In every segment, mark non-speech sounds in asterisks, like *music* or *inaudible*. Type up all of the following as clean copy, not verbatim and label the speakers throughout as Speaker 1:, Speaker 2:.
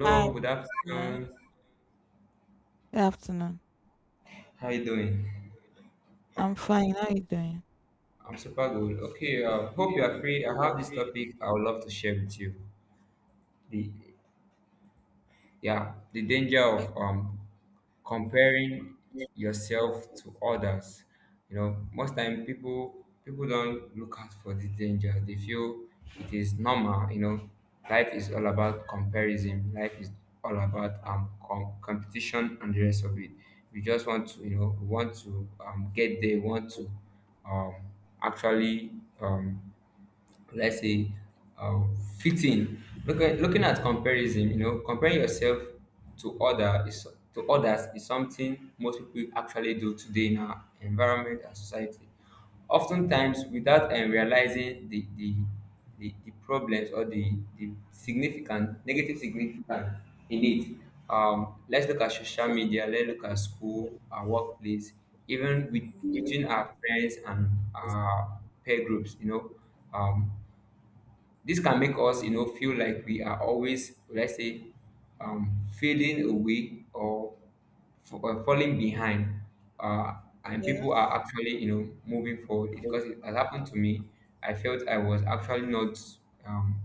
Speaker 1: Hi.
Speaker 2: good
Speaker 1: Good afternoon.
Speaker 2: afternoon.
Speaker 1: Good afternoon.
Speaker 2: How you doing?
Speaker 1: I'm fine. How are you doing?
Speaker 2: I'm super good. Okay, hope you are free. I have this topic I would love to share with you. The yeah the danger
Speaker 1: Okay.
Speaker 2: of comparing
Speaker 1: Yes.
Speaker 2: yourself to others. You know, most time people don't look out for the danger. They feel it is normal, you know. Life is all about comparison. Life is all about competition and the rest of it. We just want to, you know, we want to get there, we want to um actually um will I say, fit in. Looking at comparison, you know, comparing yourself to other is to others is something most people actually do today in our environment and society. Oftentimes, without realizing the problems or the significant negative significant in it. Let's look at social media, let's look at school, our workplace, even with between our friends and our peer groups, you know. Um, this can make us, you know, feel like we are always, let's say, fading away or falling behind, uh, and people are actually, you know, moving forward. Because it has happened to me, I felt I was actually not um,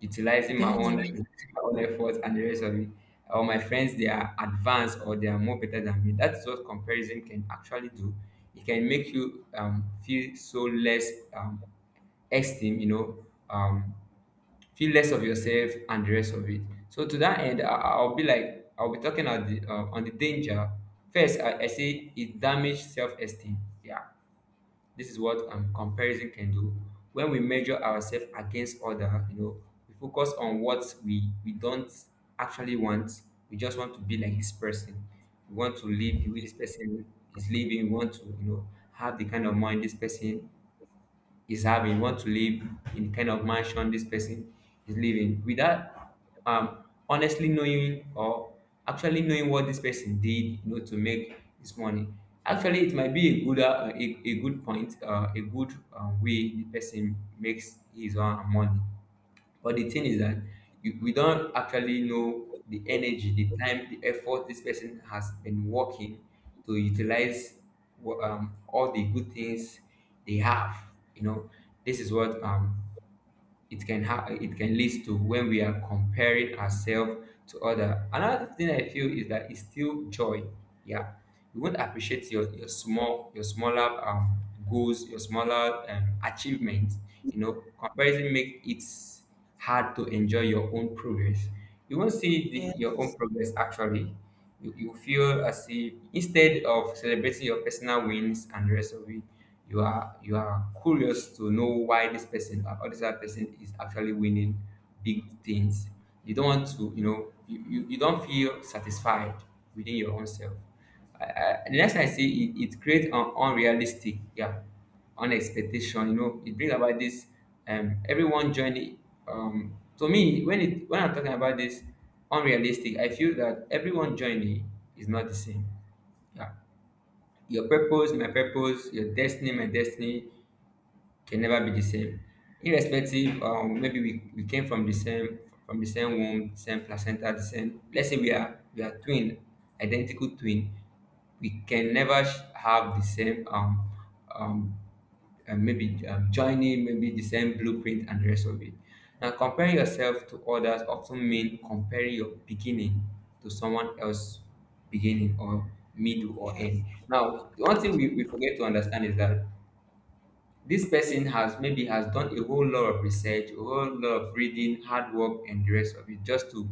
Speaker 2: utilizing my
Speaker 1: Doing it.
Speaker 2: own, *laughs* my own efforts and the rest of it. Or my friends, they are advanced or they are more better than me. That's what comparison can actually do. It can make you feel so less. Esteem, you know, feel less of yourself and the rest of it. So to that end, I'll be like, I'll be talking on on the danger. First, I say it damages self-esteem. Yeah, this is what comparison can do. When we measure ourselves against other, you know, we focus on what we don't actually want. We just want to be like this person. We want to live the way this person is living. We want to, you know, have the kind of mind this person is having. You want to live in the kind of mansion this person is living without um honestly knowing or actually knowing what this person did, you know, to make his money. Actually, it might be a good a good point, a good way the person makes his own money. But the thing is that we don't actually know the energy, the time, the effort this person has been working to utilize all the good things they have. You know, this is what it can ha- it can lead to when we are comparing ourselves to other. Another thing I feel is that it's still joy. Yeah, you won't appreciate your small, your smaller goals, your smaller achievements. You know, comparison make it hard to enjoy your own progress. You won't see your own
Speaker 1: Yes.
Speaker 2: progress actually. You feel as if, instead of celebrating your personal wins and the rest of it, you are curious to know why this person or this other person is actually winning big things. You don't want to, you know, you don't feel satisfied within your own self. The next thing I see, it creates an unrealistic, yeah, on expectation. You know, it brings about this everyone journey. Um, to me, when it when I'm talking about this unrealistic, I feel that everyone journey is not the same. Yeah, your purpose, my purpose, your destiny, my destiny can never be the same. Irrespective, um, maybe we came from the same, from the same womb, same placenta, the same, let's say we are, we are twin identical twin. We can never have the same um and maybe joining maybe the same blueprint and the rest of it. Now, comparing yourself to others often mean comparing your beginning to someone else's beginning or middle or
Speaker 1: Yes.
Speaker 2: end. Now, the one thing we forget to understand is that this person has maybe has done a whole lot of research, a whole lot of reading, hard work and the rest of it, just to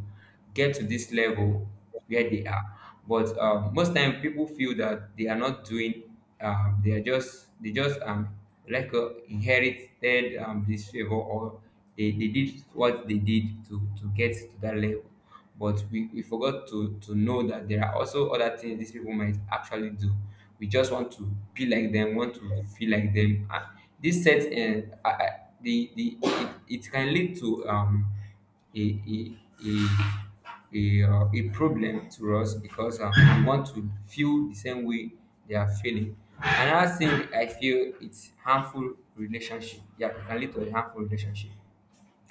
Speaker 2: get to this level where they are. But most time people feel that they are not doing, they are just, they just like inherited this favor, or they did what they did to get to that level. But we forgot to know that there are also other things these people might actually do. We just want to be like them, want to feel like them, and this set and the it, it can lead to a a a a problem to us, because we want to feel the same way they are feeling. Another thing I feel, it's harmful relationship. Yeah, it can lead to a harmful relationship.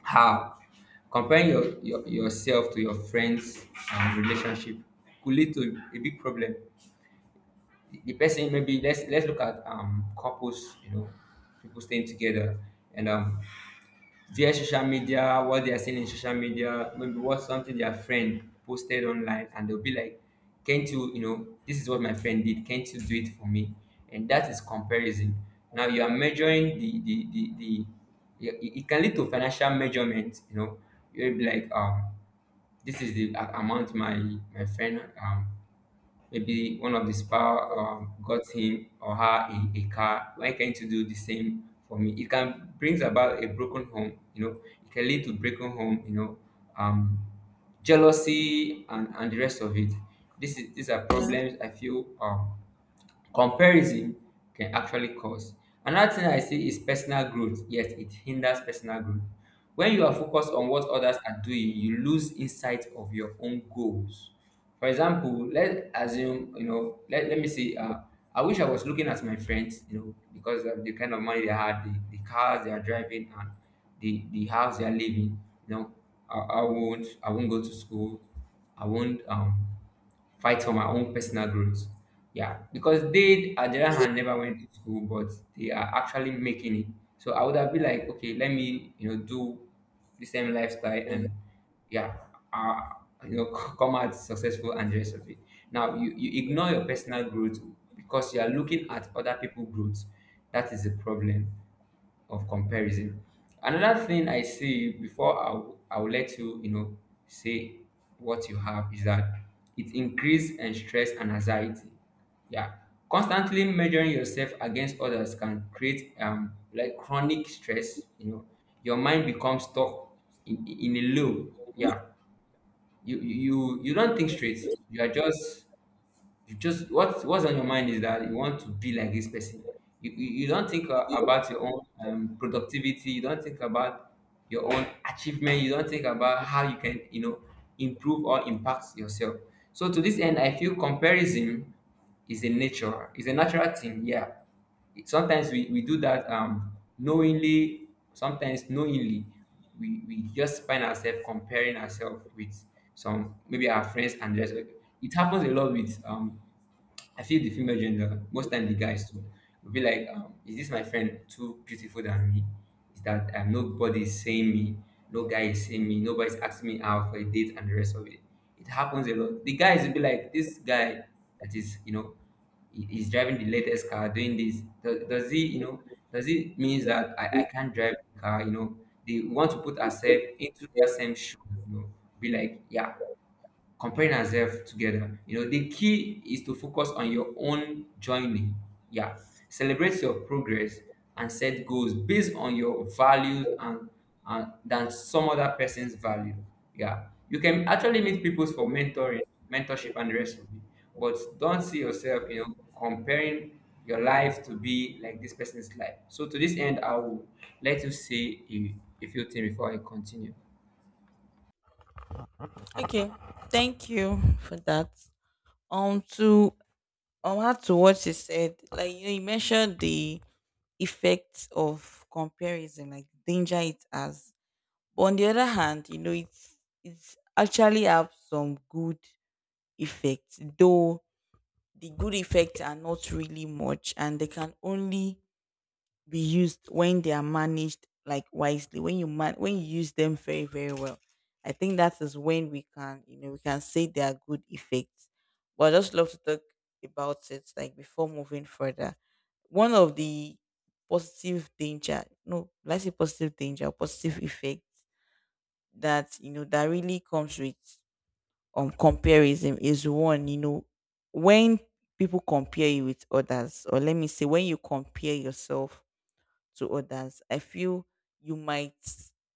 Speaker 2: How? Comparing yourself to your friends relationship could lead to a big problem. The person, maybe let's look at couples, you know, people staying together and their social media, what they are seeing in social media, maybe what something their friend posted online, and they'll be like, "Can't you, you know, this is what my friend did. Can't you do it for me?" And that is comparison. Now you are measuring the yeah, it can lead to financial measurement. You know, you'll be like, this is the amount my my friend maybe one of the spouse got him or her a car. Why can't you do the same for me? It can brings about a broken home. You know, it can lead to broken home. You know, um, jealousy and the rest of it. This is these are
Speaker 1: Yeah.
Speaker 2: problems I feel comparison can actually cause. Another thing I see is personal growth. Yes, it hinders personal growth. When you are focused on what others are doing, you lose insight of your own goals. For example, let assume, you know, let me say, I wish I was looking at my friends, you know, because of the kind of money they had, the cars they are driving and the house they are living, you know. I won't go to school. I won't fight for my own personal growth. Yeah, because they, at the other hand, never went to school, but they are actually making it. So I would have been like, okay, let me, you know, do the same lifestyle and, yeah, uh, you know, *laughs* come out successful and the rest of it. Now, you ignore your personal growth because you are looking at other people's growth. That is the problem of comparison. Another thing I see before I will let you, you know, say what you have is that it increase and stress and anxiety. Yeah. Constantly measuring yourself against others can create like chronic stress, you know. Your mind becomes stuck in a loop. Yeah. You don't think straight. You are just, you just what what's on your mind is that you want to be like this person. You don't think about your own productivity. You don't think about your own achievement. You don't think about how you can, you know, improve or impact yourself. So to this end, I feel comparison is a nature. It's a natural thing. Yeah. It- Sometimes we do that knowingly. Sometimes knowingly, we just find ourselves comparing ourselves with some, maybe our friends, and just it happens a lot with I feel the female gender, most time the guys too, will be like, is this my friend too beautiful than me? Is that, nobody is saying me, no guy is saying me, nobody's asking me out for a date and the rest of it. It happens a lot. The guys will be like, this guy that is, you know, he's driving the latest car, doing this. Does he, you know, does it means that I can't drive the car, you know? They want to put ourselves into that same shoe, you know, be like, yeah, comparing ourselves together. You know, the key is to focus on your own journey. Yeah. Celebrate your progress and set goals based on your values, and than some other person's value. Yeah. You can actually meet people for mentorship and the rest of it. But don't see yourself, you know, comparing your life to be like this person's life. So to this end, I will let you say a few things before I continue.
Speaker 1: Okay. Thank you for that. Um to to what you said. Like you know, you mentioned the effects of comparison, like the danger it has. But on the other hand, you know, it's actually have some good effects, though the good effects are not really much and they can only be used when they are managed like wisely when you man when you use them very very well. I think that is when we can, you know, we can say they are good effects, but I just love to talk about it like before moving further. One of the positive danger no let's say positive effects that, you know, that really comes with comparison is one, you know, when people compare you with others, or let me say when you compare yourself to others, I feel you might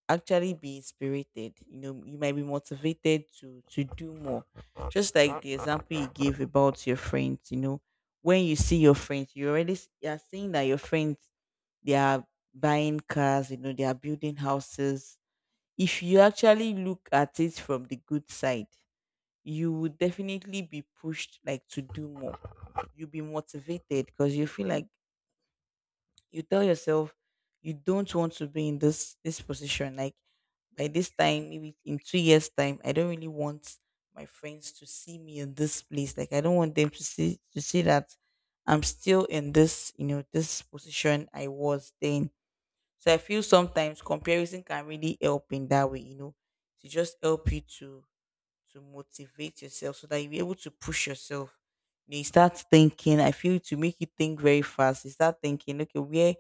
Speaker 1: actually be inspired. You know, you might be motivated to do more, just like the example you gave about your friends. You know, when you see your friends, you are seeing that your friends, they are buying cars, you know, they are building houses. If you actually look at it from the good side, you would definitely be pushed like to do more. You'll be motivated because you feel like, you tell yourself, you don't want to be in this position. Like by this time, maybe in 2 years' time, I don't really want my friends to see me in this place. Like I don't want them to see that I'm still in this, you know, this position I was then. So I feel sometimes comparison can really help in that way, you know, to just help you to motivate yourself so that you'll be able to push yourself. You know, you start thinking, I feel to make you think very fast. You start thinking, okay,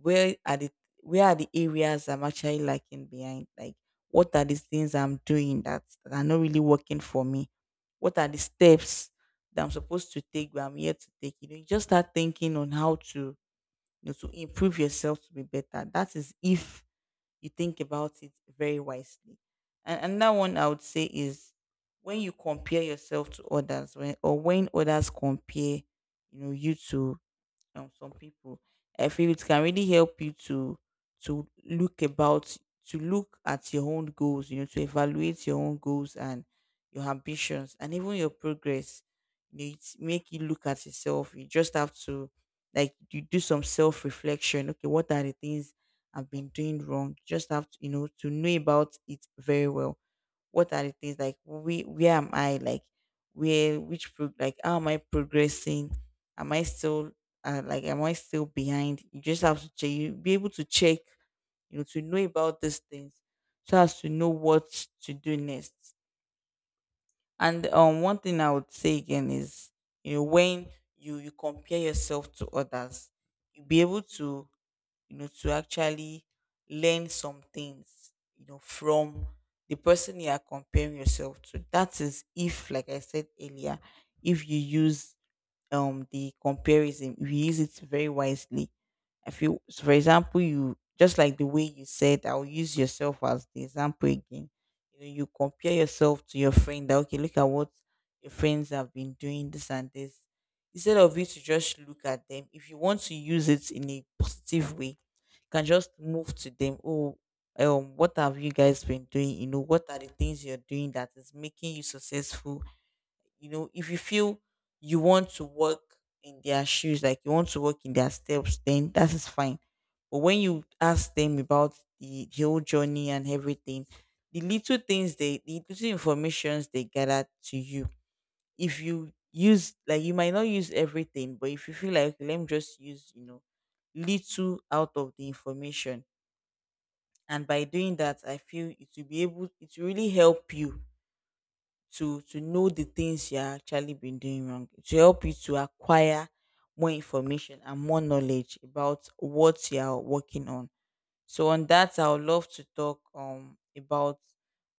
Speaker 1: where are the where are the areas I'm actually lacking behind? Like what are these things I'm doing that are not really working for me? What are the steps that I'm supposed to take but I'm yet to take? You know, you just start thinking on how to, you know, to improve yourself to be better. That is if you think about it very wisely. And another one I would say is when you compare yourself to others, when others compare, you know, you to some people, I feel it can really help you to look about to look at your own goals, you know, to evaluate your own goals and your ambitions and even your progress. You know, it make you look at yourself. You just have to, like, you do some self-reflection. Okay, what are the things I've been doing wrong? Just have to, you know, to know about it very well. What are the things, like, we where am I like where which pro- like how am I progressing? Am I still, like, am I still behind? You just have to check, you be able to check, you know, to know about these things so as to know what to do next. And one thing I would say again is, you know, when you compare yourself to others, you be able to, you know, to actually learn some things, you know, from the person you are comparing yourself to. That is if, like I said earlier, if you use the comparison, if you use it very wisely, I feel. So for example, you just, like the way you said, I'll use yourself as the example again. You know, you compare yourself to your friend that, okay, look at what your friends have been doing, this and this. Instead of you to just look at them, if you want to use it in a positive way, you can just move to them. Oh, what have you guys been doing? You know, what are the things you're doing that is making you successful? You know, if you feel you want to walk in their shoes, like you want to walk in their steps, then that is fine. But when you ask them about the whole journey and everything, the little things they, the little informations they gather to you, if you use, like you might not use everything, but if you feel like, "Okay, let me just use, you know, little out of the information." And by doing that, I feel it will be able, it will really help you to know the things you're actually been doing wrong, to help you to acquire more information and more knowledge about what you're working on. So on that, I would love to talk about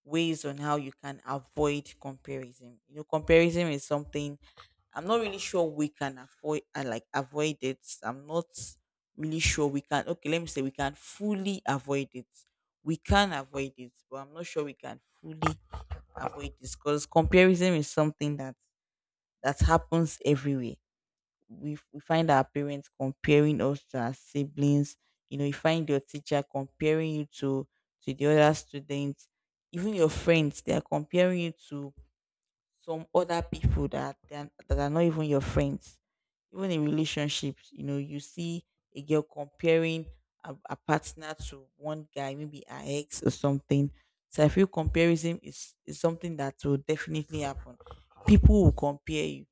Speaker 1: ways on how you can avoid comparison. You know, comparison is something I'm not really sure we can avoid, like avoid it. I'm not really sure we can. Okay, let me say we can fully avoid it, we can avoid it, but I'm not sure we can fully avoid this, because comparison is something that happens everywhere. We find our parents comparing us to our siblings. You know, you find your teacher comparing you to the other students, even your friends. They are comparing you to some other people that that are not even your friends, even in relationships. You know, you see a girl comparing a partner to one guy, maybe her ex or something. So I feel comparison is something that will definitely happen. People will compare you,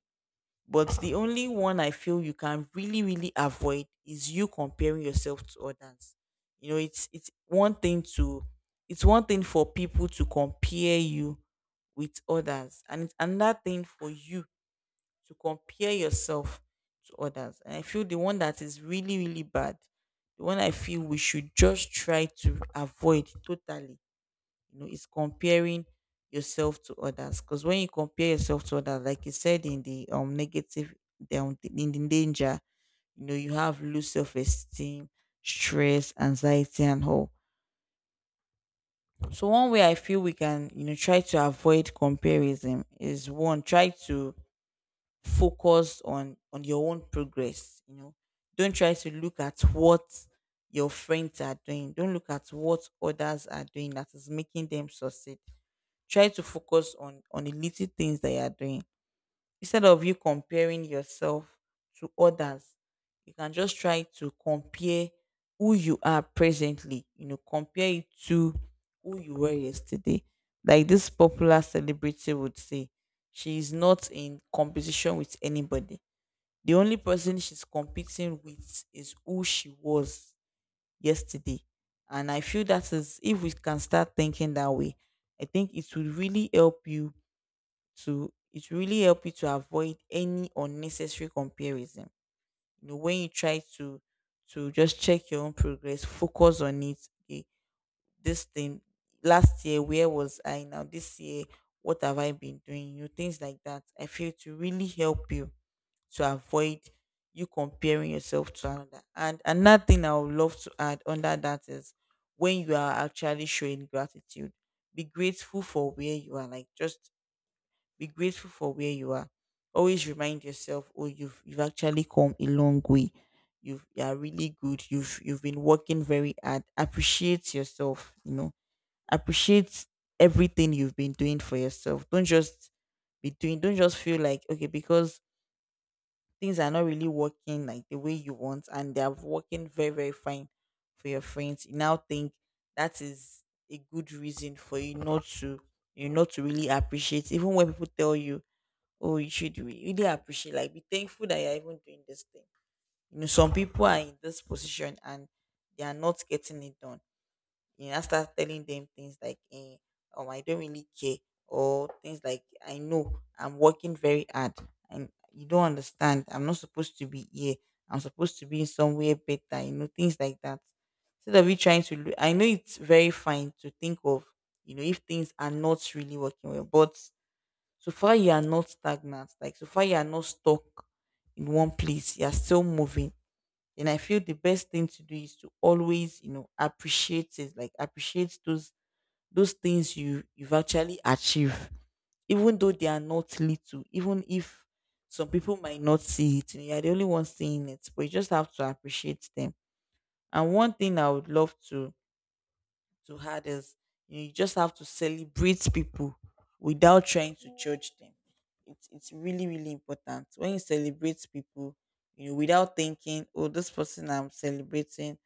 Speaker 1: but the only one I feel you can really, really avoid is you comparing yourself to others. You know, it's one thing to it's one thing for people to compare you with others, and it's another thing for you to compare yourself to others. And I feel the one that is really, really bad, the one I feel we should just try to avoid totally, you know, is comparing yourself to others, because when you compare yourself to others, like you said in the negative, down in the danger, you know, you have low self-esteem, stress, anxiety and all. So one way I feel we can, you know, try to avoid comparison is, one, try to focus on your own progress. You know, don't try to look at what your friends are doing, don't look at what others are doing that is making them succeed. Try to focus on the little things that you are doing. Instead of you comparing yourself to others, you can just try to compare who you are presently, you know, compare it to who you were yesterday. Like this popular celebrity would say, she is not in competition with anybody. The only person she's competing with is who she was yesterday. And I feel that is, if we can start thinking that way, I think it would really help you to, it will really help you to avoid any unnecessary comparison. You know, when you try to just check your own progress, focus on it. Okay, this thing last year, where was I? Now, this year, what have I been doing? You know, things like that, I feel, to really help you to avoid you comparing yourself to another. And another thing I would love to add under that is when you are actually showing gratitude, be grateful for where you are. Like just be grateful for where you are. Always remind yourself, oh, you've actually come a long way. You are really good. You've been working very hard. Appreciate yourself, you know. Appreciate everything you've been doing for yourself. Don't just be doing, don't just feel like, okay, because things are not really working like the way you want and they are working very, very fine for your friends. You now think that is a good reason for you not to really appreciate, even when people tell you, oh, you should really appreciate, like be thankful that you're even doing this thing. You know, some people are in this position and they are not getting it done. You know, I start telling them things like I don't really care, or things like, I know I'm working very hard and you don't understand, I'm not supposed to be here, I'm supposed to be in somewhere better, you know, things like that. Instead of you trying to look, I know it's very fine to think of, you know, if things are not really working well, but so far you are not stagnant, like so far you are not stuck in one place, you are still moving. And I feel the best thing to do is to always, you know, appreciate it, like appreciate those things you've actually achieved, even though they are not little, even if some people might not see it. You are the only one seeing it, but you just have to appreciate them. And one thing I would love to others. You just have to celebrate people without trying to judge them. It's really, really important when you celebrate people, you know, without thinking, oh, this person I'm celebrating,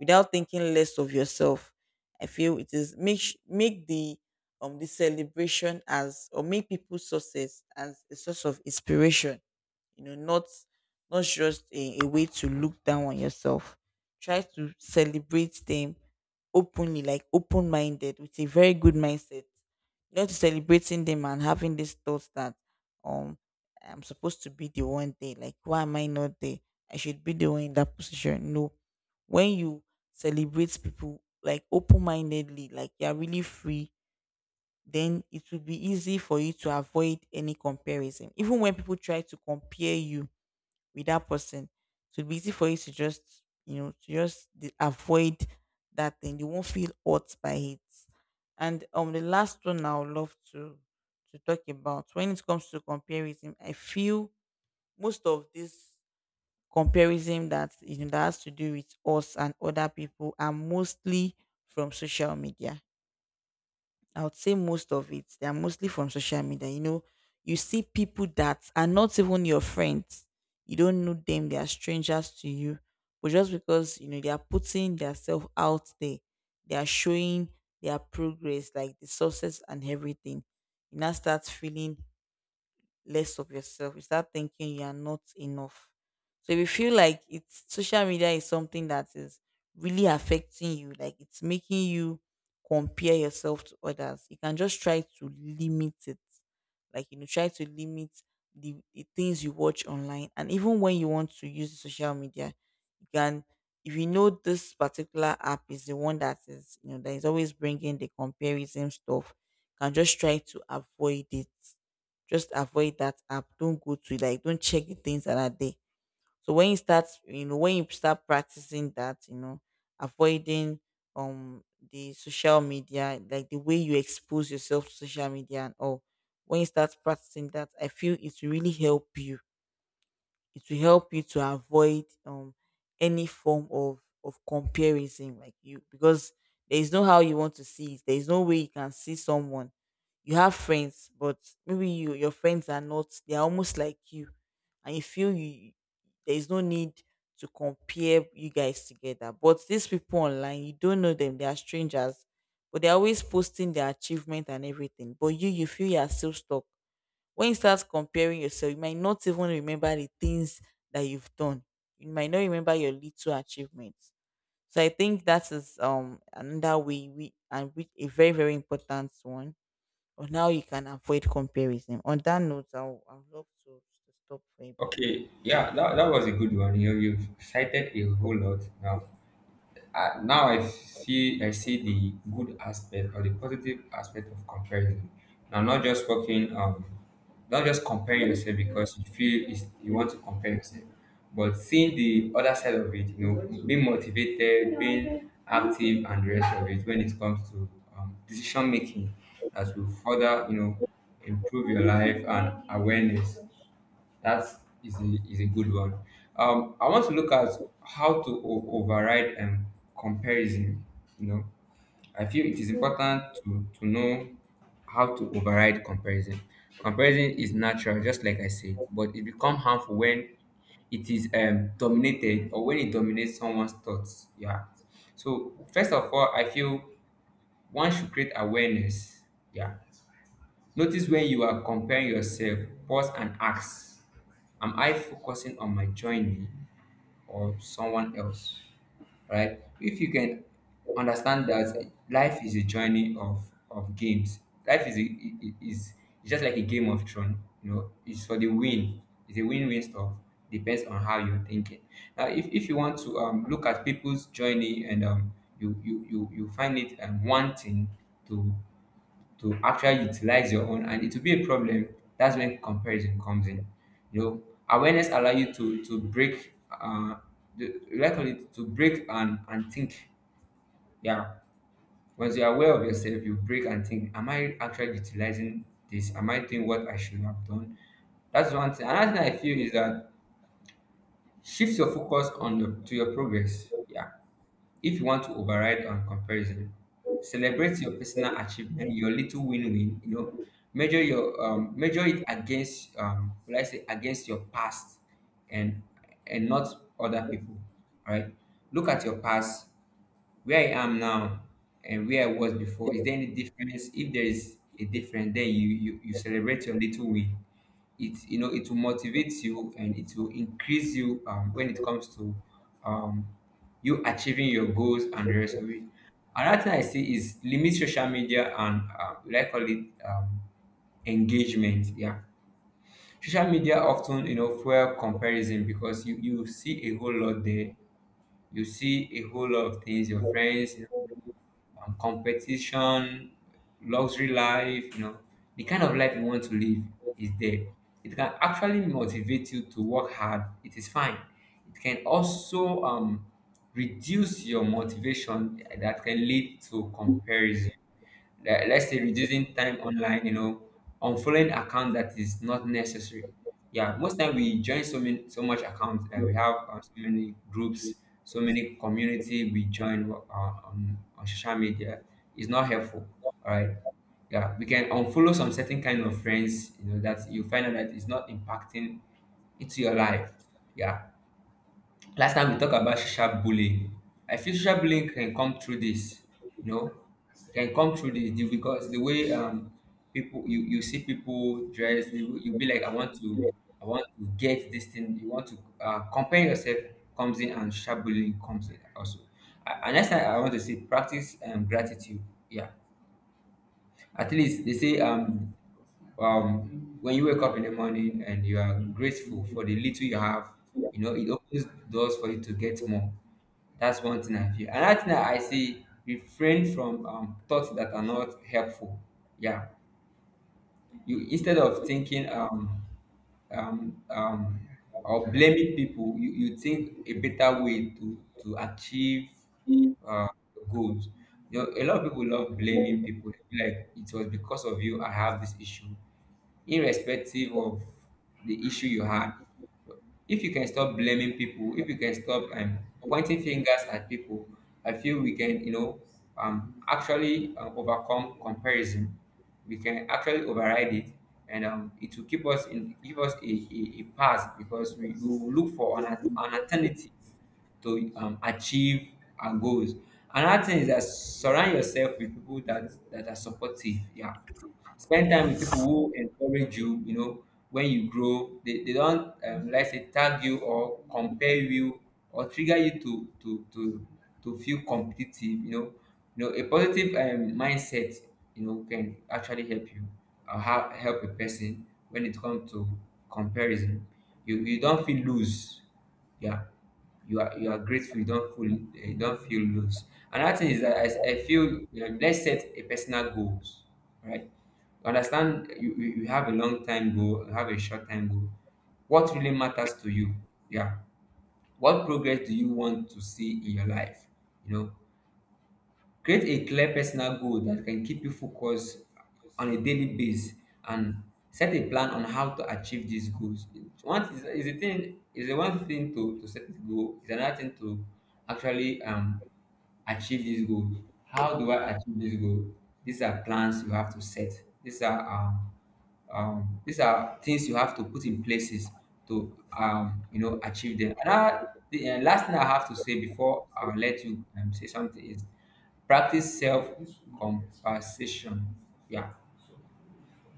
Speaker 1: without thinking less of yourself. I feel it is make the celebration as, or make people's success as a source of inspiration. You know, not just a way to look down on yourself. Try to celebrate them openly, like open minded, with a very good mindset, not celebrating them and having this thought that um I'm supposed to be the one there. Like why am I not there? I should be the one in that position. No. When you celebrate people like open mindedly, like you're really free, then it will be easy for you to avoid any comparison. Even when people try to compare you with that person. So it'd be easy for you to just, you know, to avoid that thing. You won't feel hurt by it. And The last one I would love to talk about when it comes to comparison, I feel most of this comparison that, you know, that has to do with us and other people are mostly from social media, I would say most of it. They are mostly from social media. You know, you see people that are not even your friends. You don't know them. They are strangers to you. But just because, you know, they are putting themselves out there, they are showing their progress, like the success and everything. You now start feeling less of yourself. You start thinking you are not enough. So if you feel like it's social media is something that is really affecting you, like it's making you compare yourself to others, you can just try to limit it. Like, you know, try to limit the things you watch online. And even when you want to use social media, you can, if you know this particular app is the one that is, you know, that is always bringing the comparison stuff, you can just try to avoid it, just avoid that app. Don't go to it. Like, don't check the things that are there. So when you start, you know, when you start practicing that, you know, avoiding um the social media, like the way you expose yourself to social media and all. When you start practicing that, I feel it will really help you, it will help you to avoid any form of comparison, like you, because there is no how you want to see it, there is no way you can see someone. You have friends, but maybe your friends are not, they are almost like you, and you feel you there is no need to compare you guys together. But these people online, you don't know them, they are strangers, but they're always posting their achievement and everything, but you feel you are still stuck. When you start comparing yourself, you might not even remember the things that you've done. You might not remember your little achievements. So I think that is another way we and which a very, very important one on how you can avoid comparison. On that note, I'd love to stop for a bit.
Speaker 2: Okay, yeah, that was a good one. You you've cited a whole lot now. Now I see the good aspect or the positive aspect of comparison. Now, not just working, not just comparing yourself because you feel is you want to compare yourself, but seeing the other side of it. You know, being motivated, being active, and the rest of it when it comes to decision making that will further you know improve your life and awareness. That is a good one. I want to look at how to override comparison. You know, I feel it is important to know how to override comparison. Comparison is natural, just like I said, but it becomes harmful when it is dominated or when it dominates someone's thoughts. Yeah. So first of all, I feel one should create awareness. Yeah. Notice when you are comparing yourself, pause and ask, am I focusing on my journey or someone else? Right? If you can understand that life is a journey of games, life is, a, I- is it's just like a game of throne, you know, it's for the win, it's a win win stuff. Depends on how you're thinking. Now, if you want to look at people's journey and um, you find it wanting to to actually utilize your own and it will be a problem. That's when comparison comes in, you know, awareness allow you to break the, like call it to break and think. Yeah, once you're aware of yourself you break and think, am I actually utilizing this? Am I doing what I should have done? That's one thing. Another thing I feel is that shift your focus on your to your progress. Yeah, if you want to override on comparison, celebrate your personal achievement, your little win-win. You know, measure your measure it against will I say against your past, and and not other people. All right. Look at your past, where I am now and where I was before, is there any difference? If there is a difference, then you celebrate your little win. It, you know, it will motivate you and it will increase you when it comes to um, you achieving your goals and the rest of it. Another thing I see is limit social media and like call it engagement. Yeah, social media often, you know, fuel comparison because you see a whole lot there. You see a whole lot of things your friends, competition, luxury life, you know, the kind of life you want to live is there. It can actually motivate you to work hard. It is fine. It can also reduce your motivation that can lead to comparison. Let's
Speaker 1: Yeah.
Speaker 2: say reducing time online, you know, unfollowing account that is not necessary. Yeah, most time we join so many so much accounts and we have so many groups, so many community we join on social media. It's not helpful. All right. Yeah, we can unfollow some certain kind of friends, you know, that you find out that it's not impacting into your life. Yeah. Last time we talk about social bullying. I feel social bullying can come through this, you know, can come through this because the way people, you see people dress, you be like, I want to get this thing. You want to compare yourself comes in and social bullying comes in also. And next time I want to say practice gratitude. Yeah, at least they say when you wake up in the morning and you are grateful for the little you have, you know it opens doors for you to get more. That's one thing I feel. Another thing I say, refrain from thoughts that are not helpful. Yeah, you, instead of thinking um um or blaming people, you think a better way to achieve uh goals. You know, a lot of people love blaming people. They feel like it was because of you I have this issue. Irrespective of the issue you had, if you can stop blaming people, if you can stop pointing fingers at people, I feel we can, you know, actually overcome comparison. We can actually override it, and it will keep us in give us a path because we will look for an alternative to achieve our goals. Another thing is that surround yourself with people that are supportive. Yeah, spend time with people
Speaker 1: Yes.
Speaker 2: who encourage you, you know, when you grow. They don't, let's say, tag you or compare you or trigger you to feel competitive, you know. You know, a positive mindset, you know, can actually help you or help a person when it comes to comparison. You don't feel loose. Yeah, you are grateful, you don't feel, you don't feel loose. Another thing is that I feel, you know, let's set a personal goals. Right? Understand you, you, you have a long time goal, you have a short time goal. What really matters to you? Yeah. What progress do you want to see in your life? You know, create a clear personal goal that can keep you focused on a daily basis and set a plan on how to achieve these goals. It's one is a thing is a one thing to set a goal, is another thing to actually achieve this goal. How do I achieve this goal? These are plans you have to set. These are things you have to put in places to, you know, achieve them. Another, the last thing I have to say before I let you say something is practice self compassion. Yeah,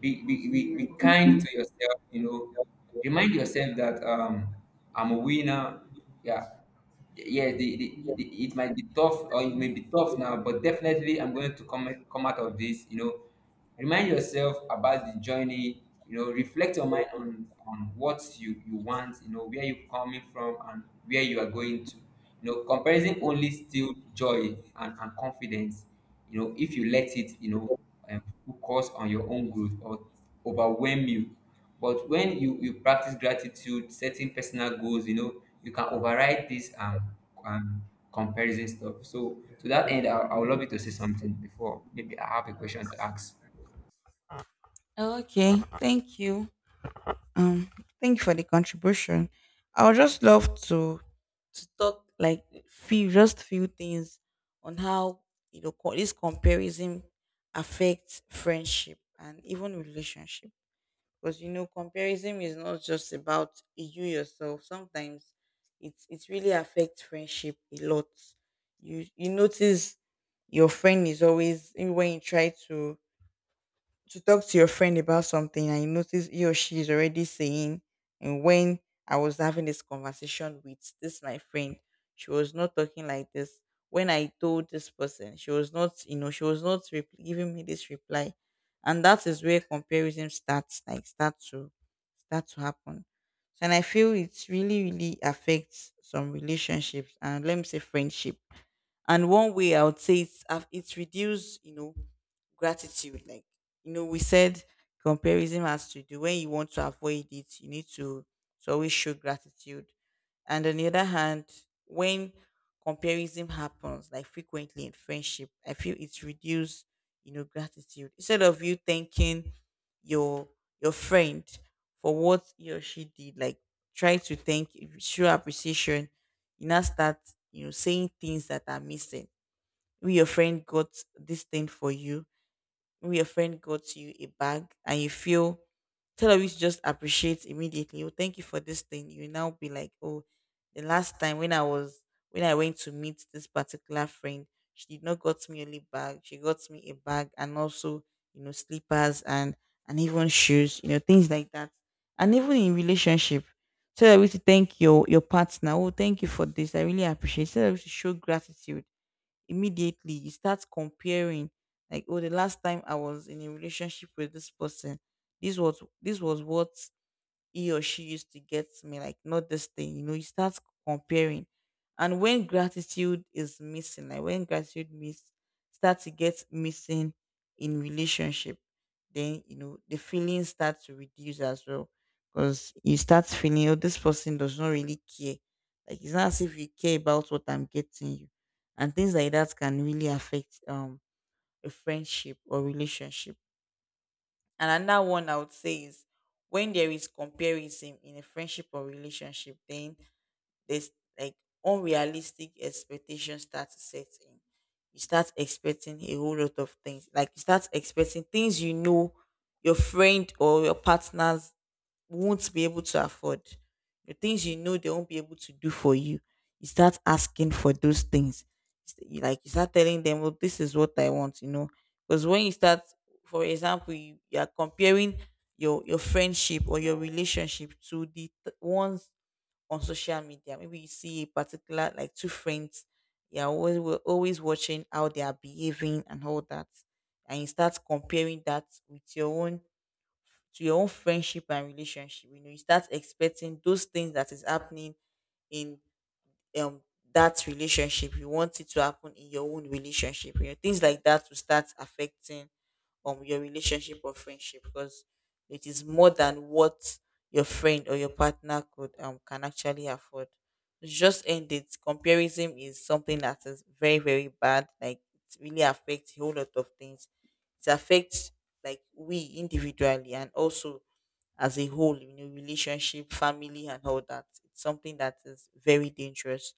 Speaker 2: be kind to yourself, you know. Remind yourself that I'm a winner. Yeah. Yeah, it might be tough or it may be tough now, but definitely I'm going to come out of this, you know. Remind yourself about the journey, you know, reflect your mind on what you want, you know, where you're coming from and where you are going to. You know comparison only steal joy and confidence, you know, if you let it, you know, um, focus on your own growth or overwhelm you, but when you practice gratitude, setting personal goals, you know you can override this, um comparison stuff. So to that end, I would love you to say something before maybe I have a question to ask.
Speaker 1: Okay. Thank you. Um, Thank you for the contribution. I would just love to talk like few just few things on how, you know, this comparison affects friendship and even relationship. Because, you know, comparison is not just about you yourself. Sometimes it really affects friendship a lot. You notice your friend is always, when you try to talk to your friend about something and you notice he or she is already saying, and when I was having this conversation with this my friend, she was not talking like this. When I told this person, she was not, you know, she was not giving me this reply, and that is where comparison starts, like start to happen. So, and I feel it's really, really affects some relationships, and let me say friendship. And one way I would say it's it's reduced, you know, gratitude. Like, you know, we said comparison has to do, when you want to avoid it, you need to always show gratitude. And on the other hand, when comparison happens like frequently in friendship, I feel it's reduced, you know, gratitude. Instead of you thanking your your friend for what he or she did, like try to thank, show appreciation, you now start, you know, saying things that are missing. Maybe your friend got this thing for you, maybe your friend got you a bag and you feel, instead of you to just appreciate immediately, oh thank you for this thing, you now be like, oh, the last time when I was, when I went to meet this particular friend, she did not got me only bag, she got me a bag and also, you know, slippers and even shoes, you know, things like that, and even in relationship. So that we to thank your partner. Oh, thank you for this. I really appreciate. So that we to show gratitude. Immediately you start comparing, like oh, the last time I was in a relationship with this person, this was what he or she used to get me, like not this thing, you know, you start comparing. And when gratitude is missing, like when gratitude miss start to get missing in relationship, then you know the feelings start to reduce as well. Because you start feeling, oh, this person does not really care. Like it's not as if you care about what I'm getting you. And things like that can really affect a friendship or relationship. And another one I would say is, when there is comparison in a friendship or relationship, then there's like unrealistic expectations start to set in. You start expecting a whole lot of things. Like you start expecting things, you know, your friend or your partners won't be able to afford, the things, you know, they won't be able to do for you, you start asking for those things. You Like you start telling them, "Well, this is what I want," you know. Because when you start, for example, you are comparing your friendship or your relationship to ones on social media. Maybe you see a particular like two friends, you're always we're always watching how they are behaving and all that, and you start comparing that with your own, to your own friendship and relationship. You know, you start expecting those things that is happening in um that relationship, you want it to happen in your own relationship. You know, things like that will start affecting your relationship or friendship, because it is more than what your friend or your partner could can actually afford. Just end it, comparison is something that is very, very bad, like it really affects a whole lot of things. It affects like we individually, and also as a whole, you know, relationship, family, and all that. It's something that is very dangerous.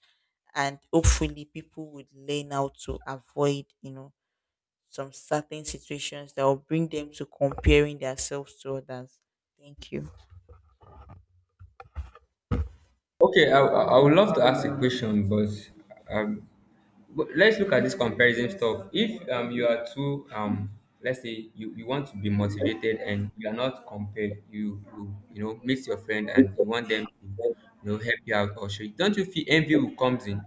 Speaker 1: And hopefully, people would learn how to avoid, you know, some certain situations that will bring them to comparing themselves to others. Thank you.
Speaker 2: Okay, I would love to ask a question, but um, let's look at this comparison stuff. If you are too let's say you, you want to be motivated and you are not compared, you know meet your friend and you want them to, you know, help you out or show you. Don't you feel envy will comes in?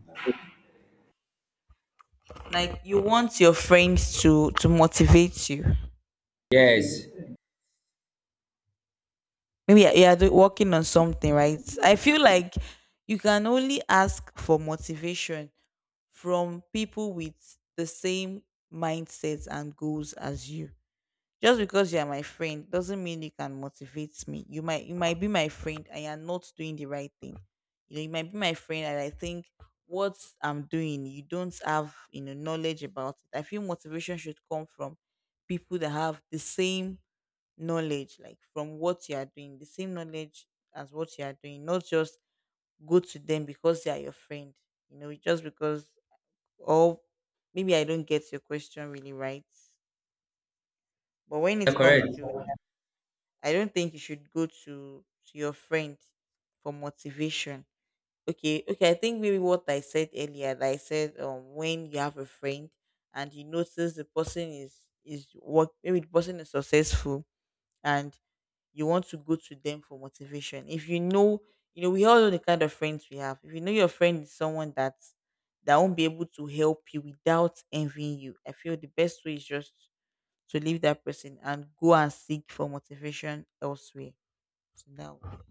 Speaker 1: Like, you want your friends to motivate you.
Speaker 2: Yes,
Speaker 1: Maybe you are working on something, right? I feel like you can only ask for motivation from people with the same mindsets and goals as you. Just because you are my friend doesn't mean you can motivate me. You might be my friend and you're not doing the right thing. You know, you might be my friend and I think what I'm doing, you don't have, you know, knowledge about it. I feel motivation should come from people that have the same knowledge, like from what you are doing, the same knowledge as what you are doing, not just go to them because they are your friend, you know, just because, or maybe I don't get your question really right. But when
Speaker 2: you're
Speaker 1: it comes
Speaker 2: correct.
Speaker 1: to that, I don't think you should go to your friend for motivation. Okay, okay, I think maybe what I said earlier, that I said when you have a friend and you notice the person is work maybe the person is successful, and you want to go to them for motivation. If you know, you know, we all know the kind of friends we have. If you know your friend is someone that won't be able to help you without envying you, I feel the best way is just to leave that person and go and seek for motivation elsewhere. So that